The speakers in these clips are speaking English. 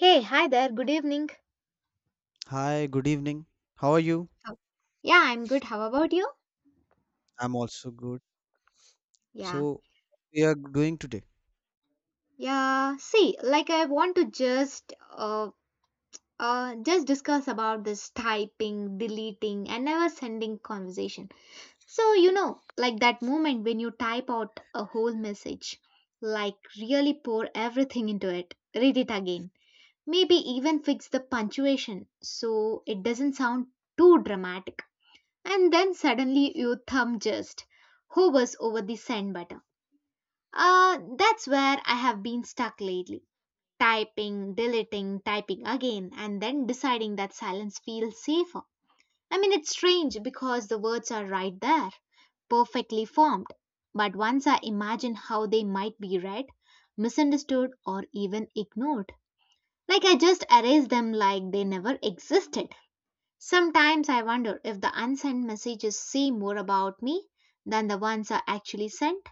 Hey, hi there, good evening. Hi, good evening. How are you? Oh, yeah, I'm good. How about you? I'm also good. Yeah. So, we are doing today. Yeah. See, like I want to just discuss about this typing, deleting, and never sending conversation. So, you know, like that moment when you type out a whole message, like really pour everything into it, read it again, maybe even fix the punctuation so it doesn't sound too dramatic. And then suddenly your thumb just hovers over the send button. That's where I have been stuck lately. Typing, deleting, typing again, and then deciding that silence feels safer. I mean, it's strange because the words are right there, perfectly formed. But once I imagine how they might be read, misunderstood, or even ignored, like I just erase them like they never existed. Sometimes I wonder if the unsent messages say more about me than the ones I actually sent.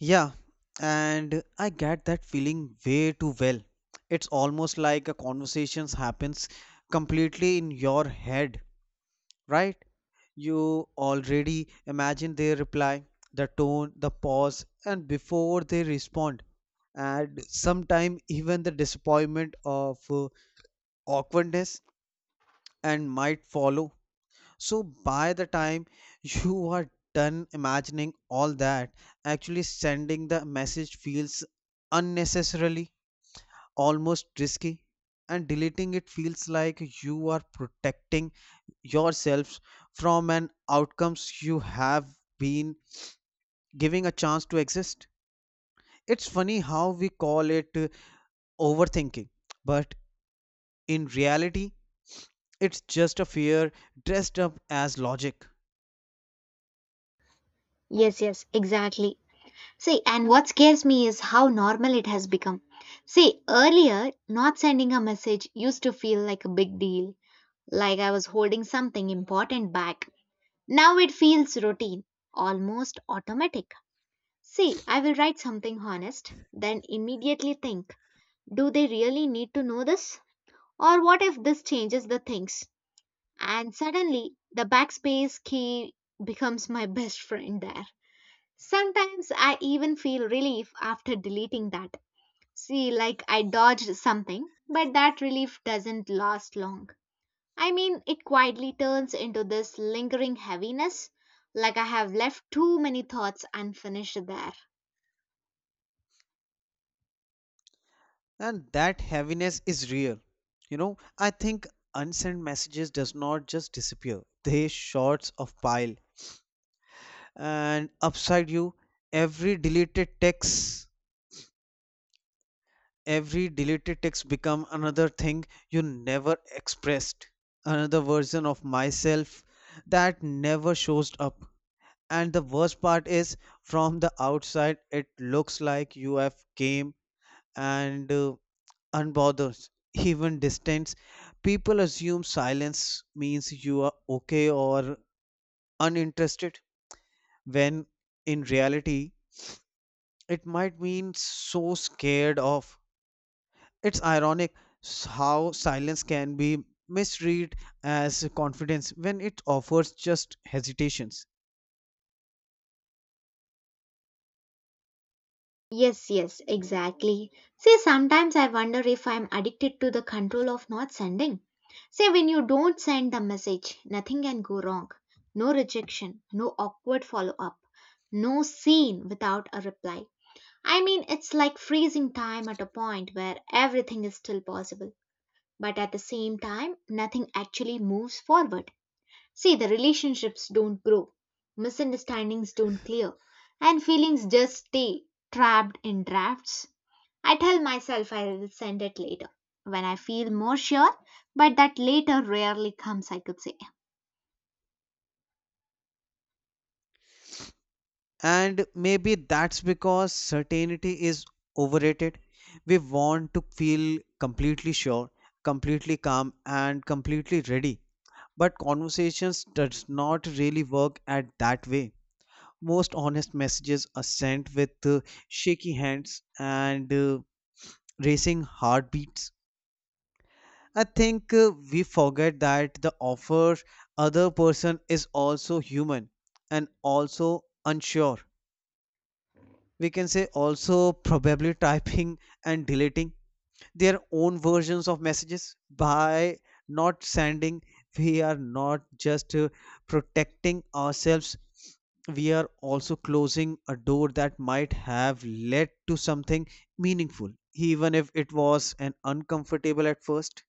Yeah, and I get that feeling way too well. It's almost like a conversations happens completely in your head, right? You already imagine their reply, the tone, the pause, and before they respond, and sometime even the disappointment of awkwardness and might follow. So by the time you are done imagining all that, actually sending the message feels unnecessarily almost risky, and deleting it feels like you are protecting yourselves from an outcomes you have been giving a chance to exist. It's funny how we call it overthinking, but in reality, it's just a fear dressed up as logic. Yes, yes, exactly. See, and what scares me is how normal it has become. See, earlier, not sending a message used to feel like a big deal, like I was holding something important back. Now it feels routine, almost automatic. See, I will write something honest, then immediately think, do they really need to know this? Or what if this changes the things? And suddenly, the backspace key becomes my best friend there. Sometimes I even feel relief after deleting that. See, like I dodged something, but that relief doesn't last long. I mean, it quietly turns into this lingering heaviness, like I have left too many thoughts unfinished there. And that heaviness is real, you know, I think unsent messages does not just disappear, they shorts of pile and upside you. Every deleted text, every deleted text become another thing you never expressed, another version of myself that never shows up. And the worst part is from the outside it looks like you have came and unbothered, even distance. People assume silence means you are okay or uninterested, when in reality, it might mean so scared of. It's ironic how silence can be misread as confidence when it offers just hesitations. Yes, yes, exactly. See, sometimes I wonder if I'm addicted to the control of not sending. Say, when you don't send the message, nothing can go wrong. No rejection, no awkward follow up, no scene without a reply. I mean, it's like freezing time at a point where everything is still possible, but at the same time, nothing actually moves forward. See, the relationships don't grow, misunderstandings don't clear, and feelings just stay trapped in drafts. I tell myself I'll send it later when I feel more sure, but that later rarely comes, I could say. And maybe that's because certainty is overrated. We want to feel completely sure, completely calm, and completely ready. But conversations does not really work at that way. Most honest messages are sent with shaky hands and racing heartbeats. I think we forget that the offer other person is also human and also unsure, we can say also probably typing and deleting their own versions of messages. By not sending, we are not just protecting ourselves, we are also closing a door that might have led to something meaningful, even if it was an uncomfortable at first.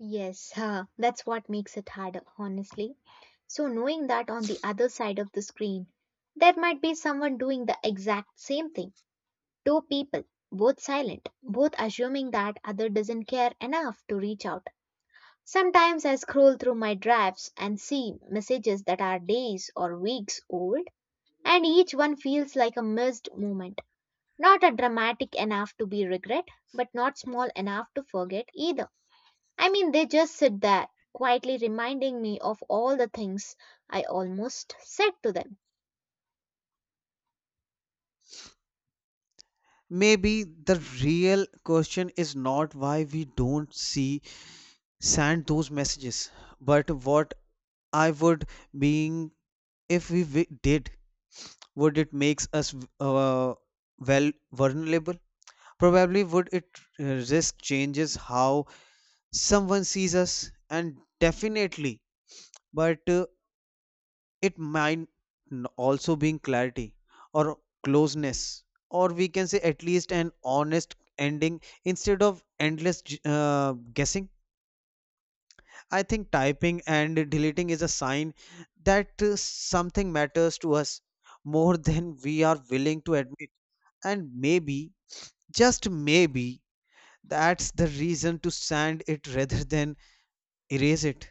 Yes, huh, that's what makes it harder, honestly. So, knowing that on the other side of the screen, there might be someone doing the exact same thing. Two people, both silent, both assuming that other doesn't care enough to reach out. Sometimes I scroll through my drafts and see messages that are days or weeks old, and each one feels like a missed moment. Not a dramatic enough to be regret, but not small enough to forget either. I mean, they just sit there, quietly reminding me of all the things I almost said to them. Maybe the real question is not why we don't see send those messages, but what I would being if we did. Would it makes us uh, well vulnerable, probably? Would it risk changes how someone sees us? And definitely, but it might also bring clarity or closeness, or we can say at least an honest ending instead of endless guessing. I think typing and deleting is a sign that something matters to us more than we are willing to admit. And maybe, just maybe, that's the reason to sand it rather than erase it.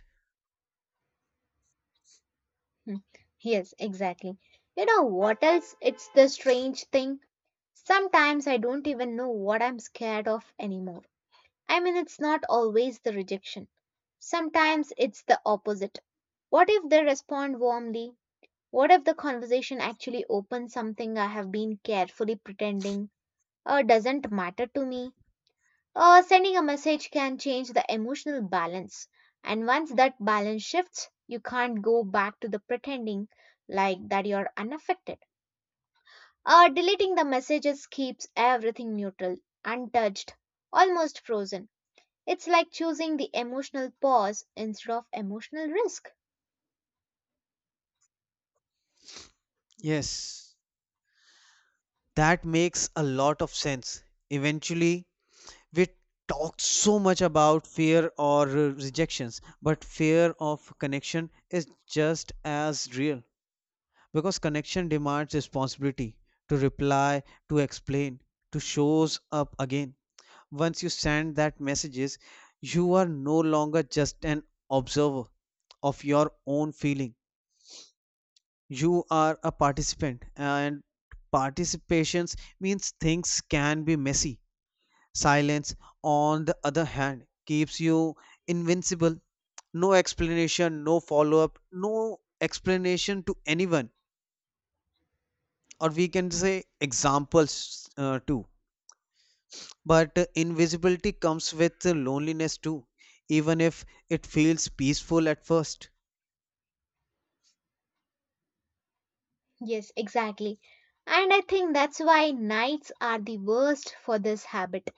Hmm, yes, exactly. You know what else? It's the strange thing. Sometimes I don't even know what I'm scared of anymore. I mean, it's not always the rejection. Sometimes it's the opposite. What if they respond warmly? What if the conversation actually opens something I have been carefully pretending or doesn't matter to me? Sending a message can change the emotional balance. And once that balance shifts, you can't go back to the pretending like that you're unaffected. Deleting the messages keeps everything neutral, untouched, almost frozen. It's like choosing the emotional pause instead of emotional risk. Yes, that makes a lot of sense. Eventually, we talked so much about fear or rejections, but fear of connection is just as real because connection demands responsibility to reply, to explain, to shows up again. Once you send that messages, you are no longer just an observer of your own feeling. You are a participant, and participations means things can be messy. Silence, on the other hand, keeps you invincible. No explanation, no follow up, no explanation to anyone, or we can say examples too. But invisibility comes with loneliness too, even if it feels peaceful at first. Yes, exactly. And I think that's why nights are the worst for this habit.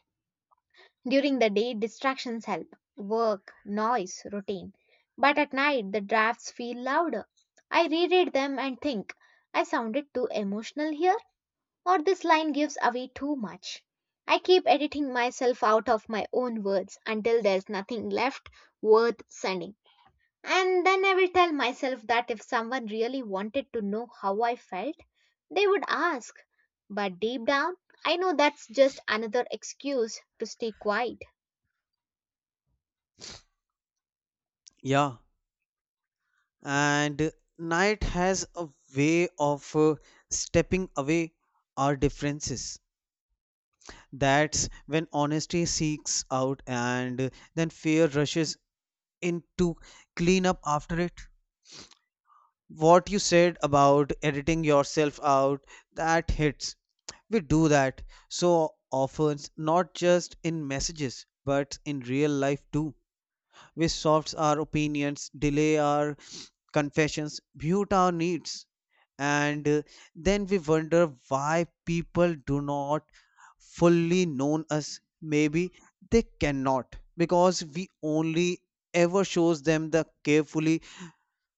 During the day, distractions help work, noise, routine. But at night, the drafts feel louder. I reread them and think, I sounded too emotional here, or this line gives away too much. I keep editing myself out of my own words until there's nothing left worth sending. And then I will tell myself that if someone really wanted to know how I felt, they would ask. But deep down, I know that's just another excuse to stay quiet. Yeah, and night has a way of stepping away our differences. That's when honesty seeks out and then fear rushes in to clean up after it. What you said about editing yourself out, that hits. We do that so often, not just in messages but in real life too. We soft our opinions, delay our confessions, mute our needs, and then we wonder why people do not fully known us. Maybe they cannot because we only ever shows them the carefully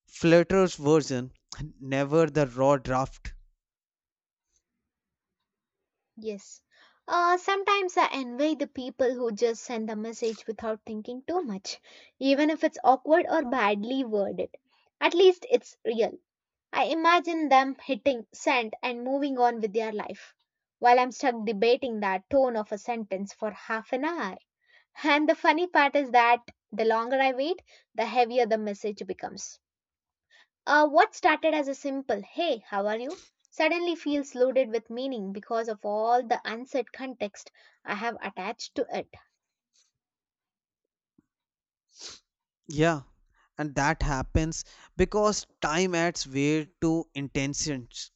fluttered version, never the raw draft. Yes. Sometimes I envy the people who just send a message without thinking too much, even if it's awkward or badly worded. At least it's real. I imagine them hitting send and moving on with their life, while I'm stuck debating that tone of a sentence for half an hour. And the funny part is that the longer I wait, the heavier the message becomes. What started as a simple, hey, how are you, suddenly feels loaded with meaning because of all the unsaid context I have attached to it. Yeah, and that happens because time adds weight to intentions.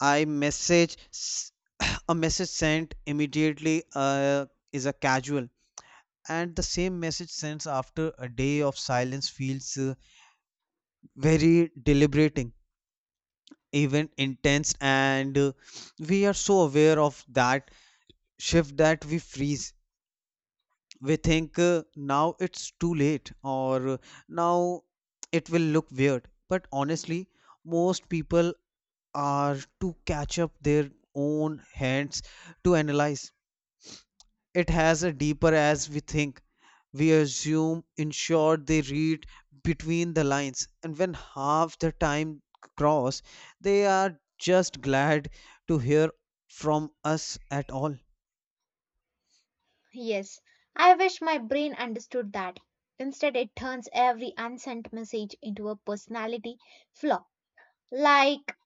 I message a message sent immediately is a casual, and the same message sent after a day of silence feels very deliberating, even intense. And we are so aware of that shift that we freeze. We think now it's too late, or now it will look weird. But honestly, most people are to catch up their own hands to analyze. It has a deeper as we think. We assume, in short, they read between the lines, and when half the time cross, they are just glad to hear from us at all. Yes, I wish my brain understood that. Instead, it turns every unsent message into a personality flaw. Like,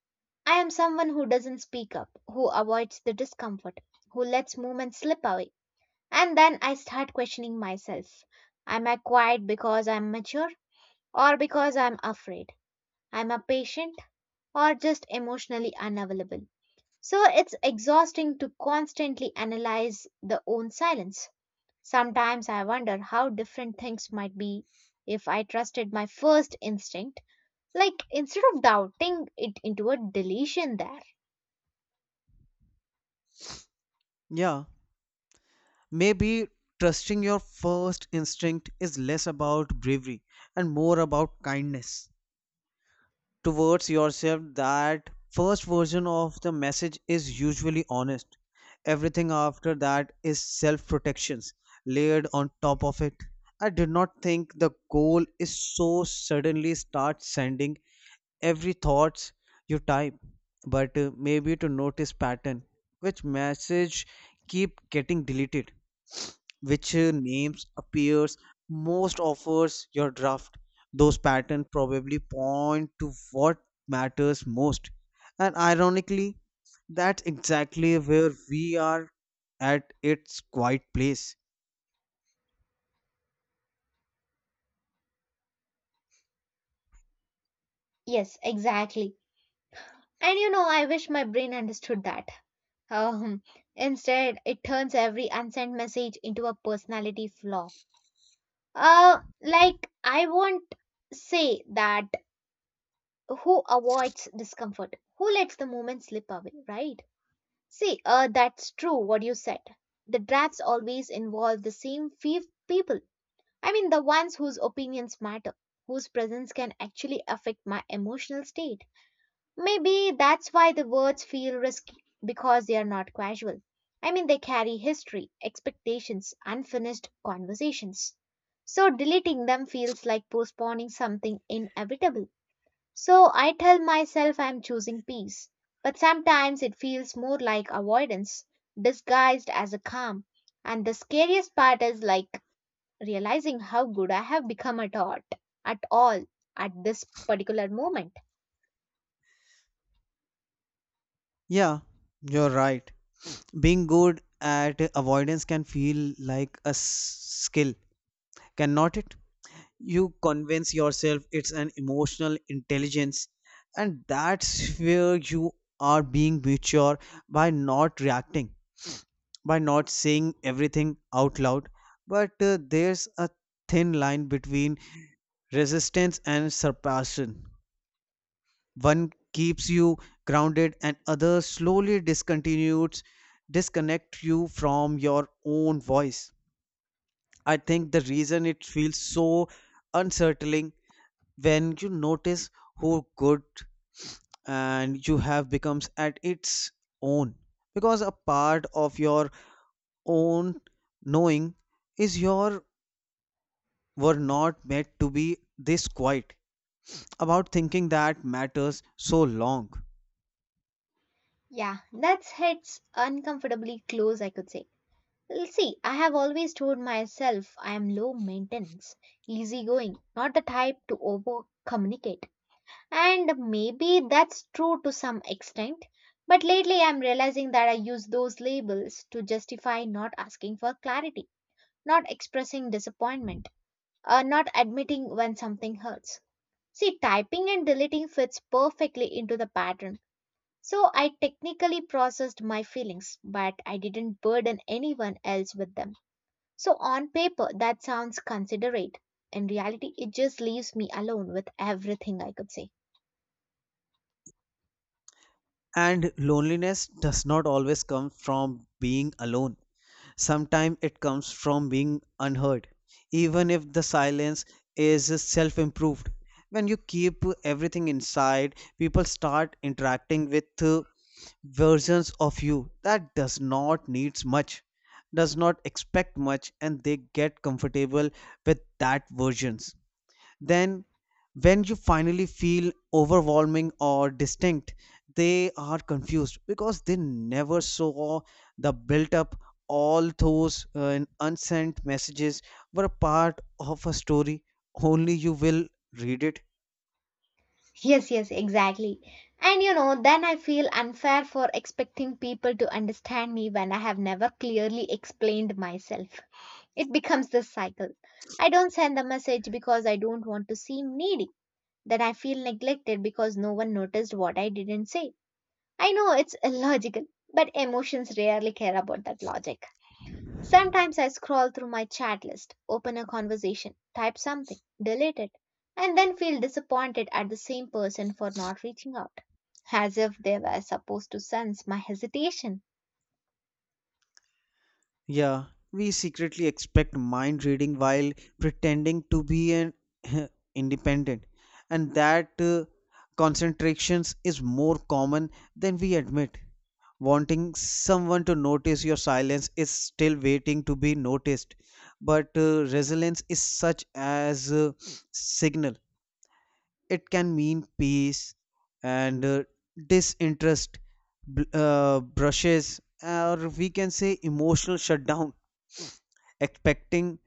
I am someone who doesn't speak up, who avoids the discomfort, who lets movement slip away. And then I start questioning myself. Am I quiet because I'm mature or because I'm afraid? I'm a patient or just emotionally unavailable. So it's exhausting to constantly analyze the own silence. Sometimes I wonder how different things might be if I trusted my first instinct, like instead of doubting it into a deletion there. Yeah, maybe trusting your first instinct is less about bravery and more about kindness towards yourself. That first version of the message is usually honest, everything after that is self protections layered on top of it. I did not think the goal is so suddenly start sending every thoughts you type, but maybe to notice pattern. Which message keep getting deleted, which names appears most offers your draft? Those patterns probably point to what matters most, and ironically, that's exactly where we are at its quiet place. Yes, exactly. And you know, I wish my brain understood that. Um, instead, it turns every unsent message into a personality flaw. Like I won't say that who avoids discomfort, who lets the moment slip away, right? See, that's true what you said. The drafts always involve the same few people. I mean, the ones whose opinions matter, whose presence can actually affect my emotional state. Maybe that's why the words feel risky, because they are not casual. I mean, they carry history, expectations, unfinished conversations. So, deleting them feels like postponing something inevitable. So I tell myself I'm choosing peace, but sometimes it feels more like avoidance disguised as a calm. And the scariest part is like realizing how good I have become at art, at all, at this particular moment. Yeah, you're right. Being good at avoidance can feel like a skill, cannot it? You convince yourself it's an emotional intelligence, and that's where you are being mature by not reacting, by not saying everything out loud. But there's a thin line between resistance and surpassion. One keeps you grounded and other slowly discontinues, disconnect you from your own voice. I think the reason it feels so unsettling when you notice how good and you have becomes at its own, because a part of your own knowing is your were not meant to be this quiet about thinking that matters so long. Yeah, that's hits uncomfortably close, I could say. Well, see, I have always told myself I am low maintenance, easygoing, not the type to over communicate. And maybe that's true to some extent, but lately I'm realizing that I use those labels to justify not asking for clarity, not expressing disappointment, or not admitting when something hurts. See, typing and deleting fits perfectly into the pattern. So I technically processed my feelings, but I didn't burden anyone else with them. So on paper, that sounds considerate. In reality, it just leaves me alone with everything I could say. And loneliness does not always come from being alone. Sometimes it comes from being unheard, even if the silence is self improved. When you keep everything inside, people start interacting with versions of you that does not needs much, does not expect much, and they get comfortable with that versions. Then when you finally feel overwhelming or distinct, they are confused because they never saw the built up. All those unsent messages were a part of a story only you will read it. Yes, yes, exactly. And you know, then I feel unfair for expecting people to understand me when I have never clearly explained myself. It becomes this cycle. I don't send the message because I don't want to seem needy. Then I feel neglected because no one noticed what I didn't say. I know it's illogical, but emotions rarely care about that logic. Sometimes I scroll through my chat list, open a conversation, type something, delete it, and then feel disappointed at the same person for not reaching out, as if they were supposed to sense my hesitation. Yeah, we secretly expect mind reading while pretending to be an independent, and that concentrations is more common than we admit. Wanting someone to notice your silence is still waiting to be noticed, but resilience is such as a signal. It can mean peace and disinterest, brushes, or we can say emotional shutdown. Expecting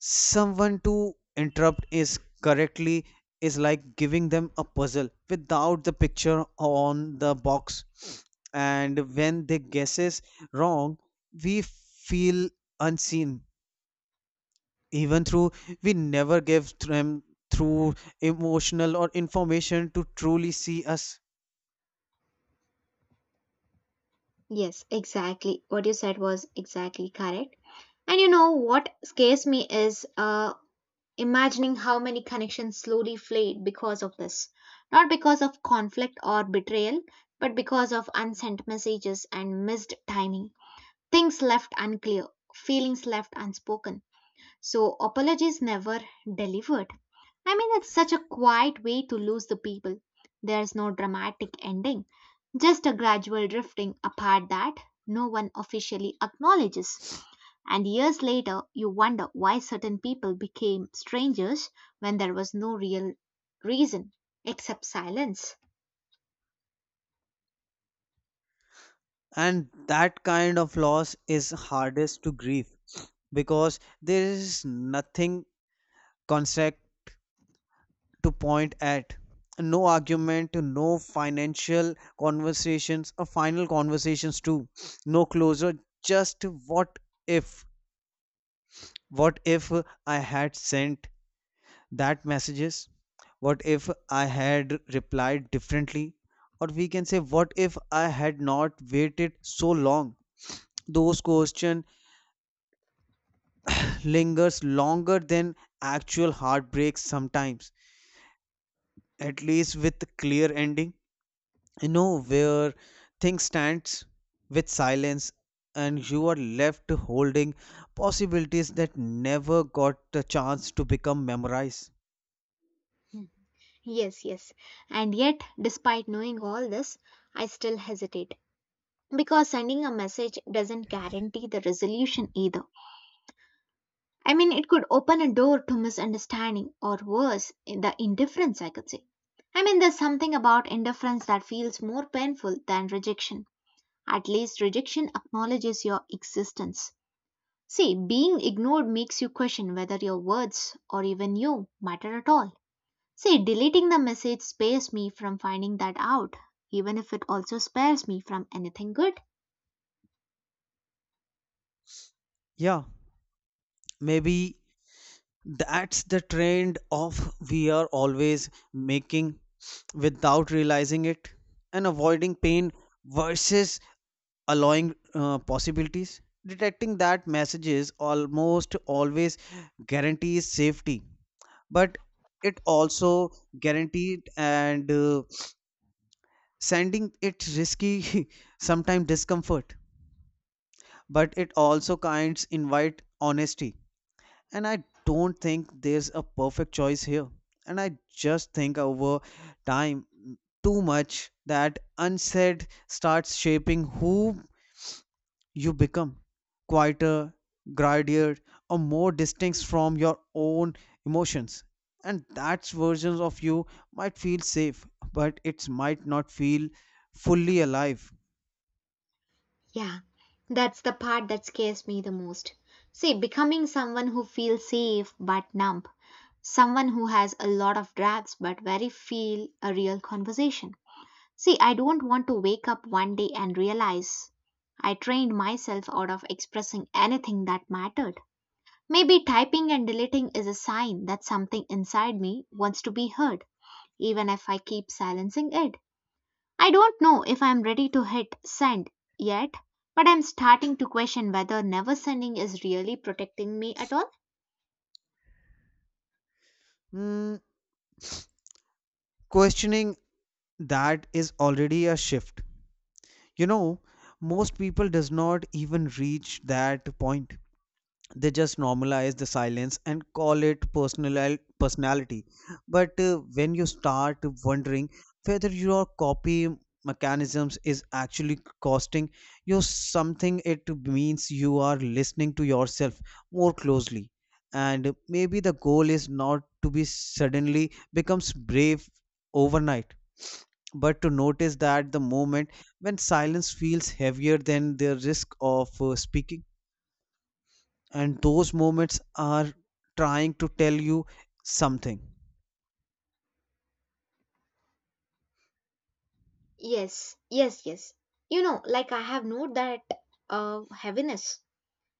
someone to interrupt is correctly is like giving them a puzzle without the picture on the box, and when they guesses wrong, we feel unseen, even through we never give them through emotional or information to truly see us. Yes, exactly. What you said was exactly correct. And you know what scares me is imagining how many connections slowly fade because of this. Not because of conflict or betrayal, but because of unsent messages and missed timing. Things left unclear, feelings left unspoken. So apologies never delivered. I mean, it's such a quiet way to lose the people. There's no dramatic ending, just a gradual drifting apart that no one officially acknowledges. And years later, you wonder why certain people became strangers when there was no real reason except silence. And that kind of loss is hardest to grieve because there is nothing concrete to point at. No argument, no financial conversations, or final conversations too. No closure, just what if? What if I had sent that messages? What if I had replied differently? Or we can say, what if I had not waited so long? Those questions lingers longer than actual heartbreaks sometimes. At least with clear ending, you know where things stands. With silence, and you are left holding possibilities that never got the chance to become memorized. Hmm. Yes, yes. And yet, despite knowing all this, I still hesitate, because sending a message doesn't guarantee the resolution either. I mean, it could open a door to misunderstanding or worse, the indifference, I could say. I mean, there's something about indifference that feels more painful than rejection. At least rejection acknowledges your existence. See, being ignored makes you question whether your words or even you matter at all. See, deleting the message spares me from finding that out, even if it also spares me from anything good. Yeah, maybe that's the trend of we are always making without realizing it, and avoiding pain versus allowing possibilities. Detecting that messages almost always guarantees safety, but it also guaranteed. And sending it risky sometimes discomfort, but it also kinds invite honesty. And I don't think there's a perfect choice here, and I just think over time, too much that unsaid starts shaping who you become, quieter, gridier, or more distinct from your own emotions. And that version of you might feel safe, but it might not feel fully alive. Yeah, that's the part that scares me the most. See, becoming someone who feels safe but numb, someone who has a lot of drags but very feel a real conversation. See, I don't want to wake up one day and realize I trained myself out of expressing anything that mattered. Maybe typing and deleting is a sign that something inside me wants to be heard, even if I keep silencing it. I don't know if I'm ready to hit send yet, but I'm starting to question whether never sending is really protecting me at all. Hmm, questioning that is already a shift. You know, most people does not even reach that point, they just normalize the silence and call it personal personality. But when you start wondering whether your copy mechanisms is actually costing you something, it means you are listening to yourself more closely. And maybe the goal is not to be suddenly becomes brave overnight, but to notice that the moment when silence feels heavier than the risk of speaking, and those moments are trying to tell you something. Yes, yes, yes. You know, like I have no that heaviness.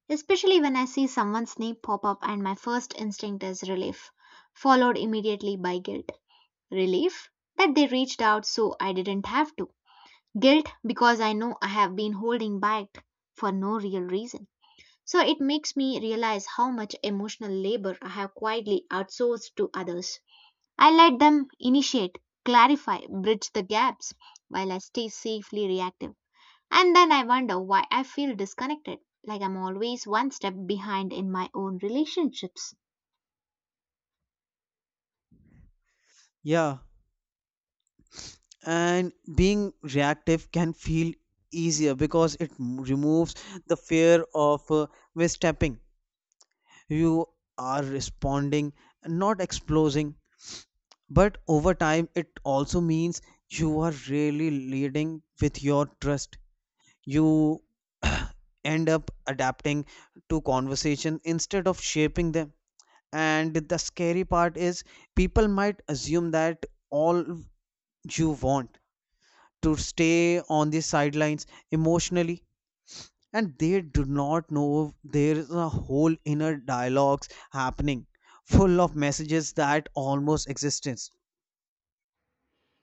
Especially when I see someone's name pop up and my first instinct is relief, followed immediately by guilt. Relief that they reached out so I didn't have to. Guilt because I know I have been holding back for no real reason. So it makes me realize how much emotional labor I have quietly outsourced to others. I let them initiate, clarify, bridge the gaps while I stay safely reactive. And then I wonder why I feel disconnected, like I'm always one step behind in my own relationships. Yeah, and being reactive can feel easier because it removes the fear of misstepping. You are responding, not exploding, but over time it also means you are really leading with your trust. You end up adapting to conversation instead of shaping them. And the scary part is people might assume that all you want to stay on the sidelines emotionally, and they do not know there is a whole inner dialogues happening, full of messages that almost existence.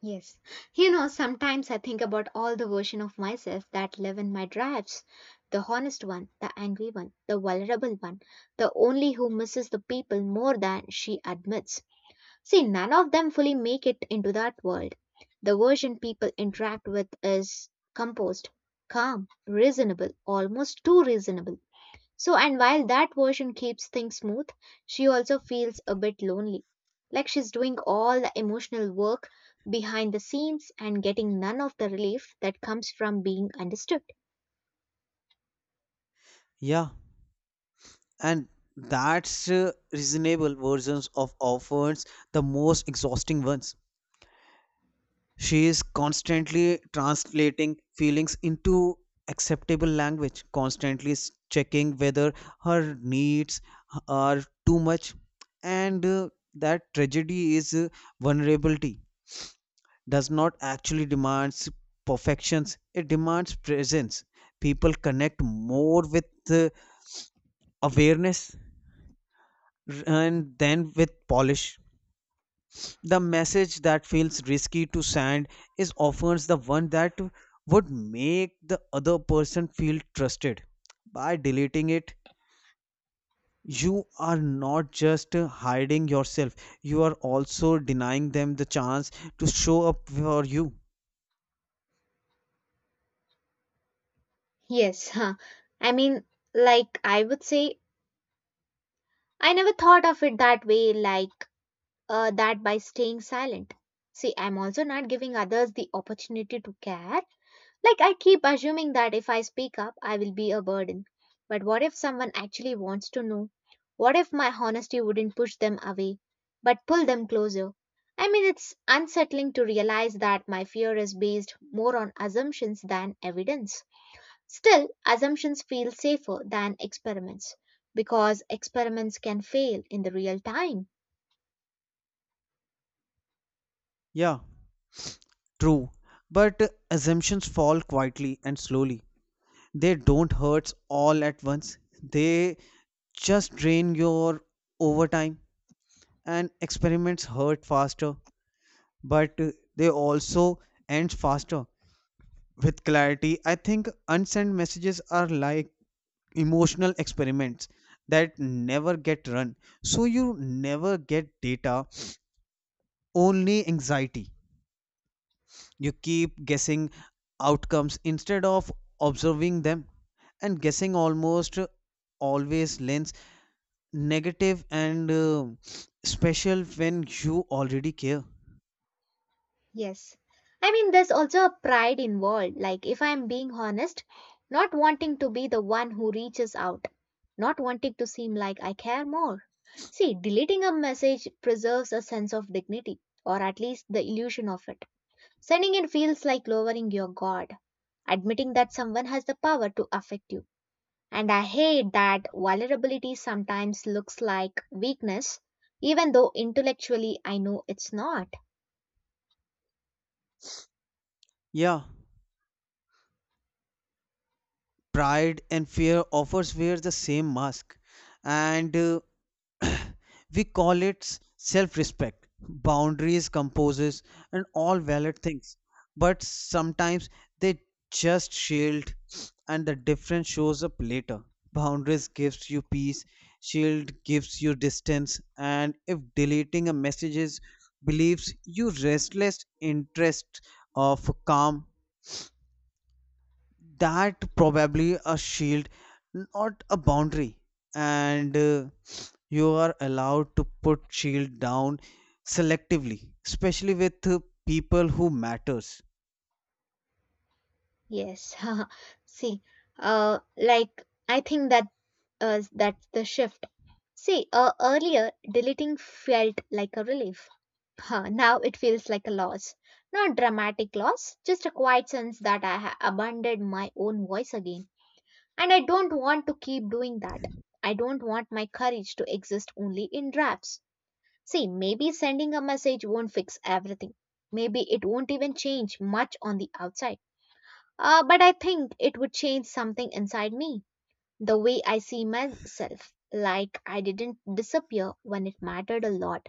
Yes. You know, sometimes I think about all the version of myself that live in my drives. The honest one, the angry one, the vulnerable one, the only who misses the people more than she admits. See, none of them fully make it into that world. The version people interact with is composed, calm, reasonable, almost too reasonable. So, and while that version keeps things smooth, she also feels a bit lonely. Like she's doing all the emotional work behind the scenes and getting none of the relief that comes from being understood. Yeah, and that's reasonable versions of offers the most exhausting ones. She is constantly translating feelings into acceptable language, constantly checking whether her needs are too much. And that tragedy is vulnerability does not actually demands perfections, it demands presence. People connect more with uh, awareness and then with polish. The message that feels risky to send is often the one that would make the other person feel trusted. By deleting it, you are not just hiding yourself, you are also denying them the chance to show up for you. Yes, huh. I mean, like I would say, I never thought of it that way, like that by staying silent. See, I'm also not giving others the opportunity to care. Like, I keep assuming that if I speak up, I will be a burden. But what if someone actually wants to know? What if my honesty wouldn't push them away, but pull them closer? I mean, it's unsettling to realize that my fear is based more on assumptions than evidence. Still, assumptions feel safer than experiments because experiments can fail in the real time. Yeah, true. But assumptions fall quietly and slowly. They don't hurt all at once, they just drain your overtime, and experiments hurt faster, but they also end faster with clarity. I think unsent messages are like emotional experiments that never get run. So you never get data, only anxiety. You keep guessing outcomes instead of observing them, and guessing almost always lends negative, and special when you already care. Yes. I mean, there's also a pride involved. Like, if I'm being honest, not wanting to be the one who reaches out, not wanting to seem like I care more. See, deleting a message preserves a sense of dignity, or at least the illusion of it. Sending it feels like lowering your guard, admitting that someone has the power to affect you. And I hate that vulnerability sometimes looks like weakness, even though intellectually I know it's not. Yeah. Pride and fear offers wear the same mask, and we call it self-respect, boundaries composes, and all valid things. But sometimes they just shield, and the difference shows up later. Boundaries gives you peace, shield gives you distance. And if deleting a messages believes you restless interest of calm, that probably a shield, not a boundary. And you are allowed to put shield down selectively, especially with people who matters. Yes. See, like I think that that's the shift. See, earlier deleting felt like a relief. Huh, now it feels like a loss. Not dramatic loss, just a quiet sense that I abandoned my own voice again. And I don't want to keep doing that. I don't want my courage to exist only in drafts. See, maybe sending a message won't fix everything. Maybe it won't even change much on the outside, but I think it would change something inside me, the way I see myself. Like I didn't disappear when it mattered a lot.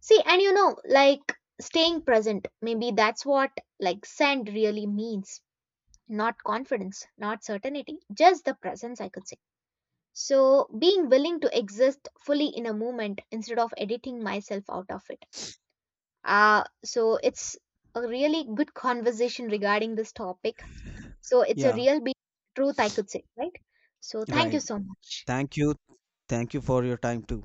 See, and you know, like staying present, maybe that's what like sand really means. Not confidence, not certainty, just the presence, I could say. So, being willing to exist fully in a moment instead of editing myself out of it. So, it's a really good conversation regarding this topic. So it's a Yeah, real be truth I could say, right? So thank you right, so much. thank you. Thank you for your time too.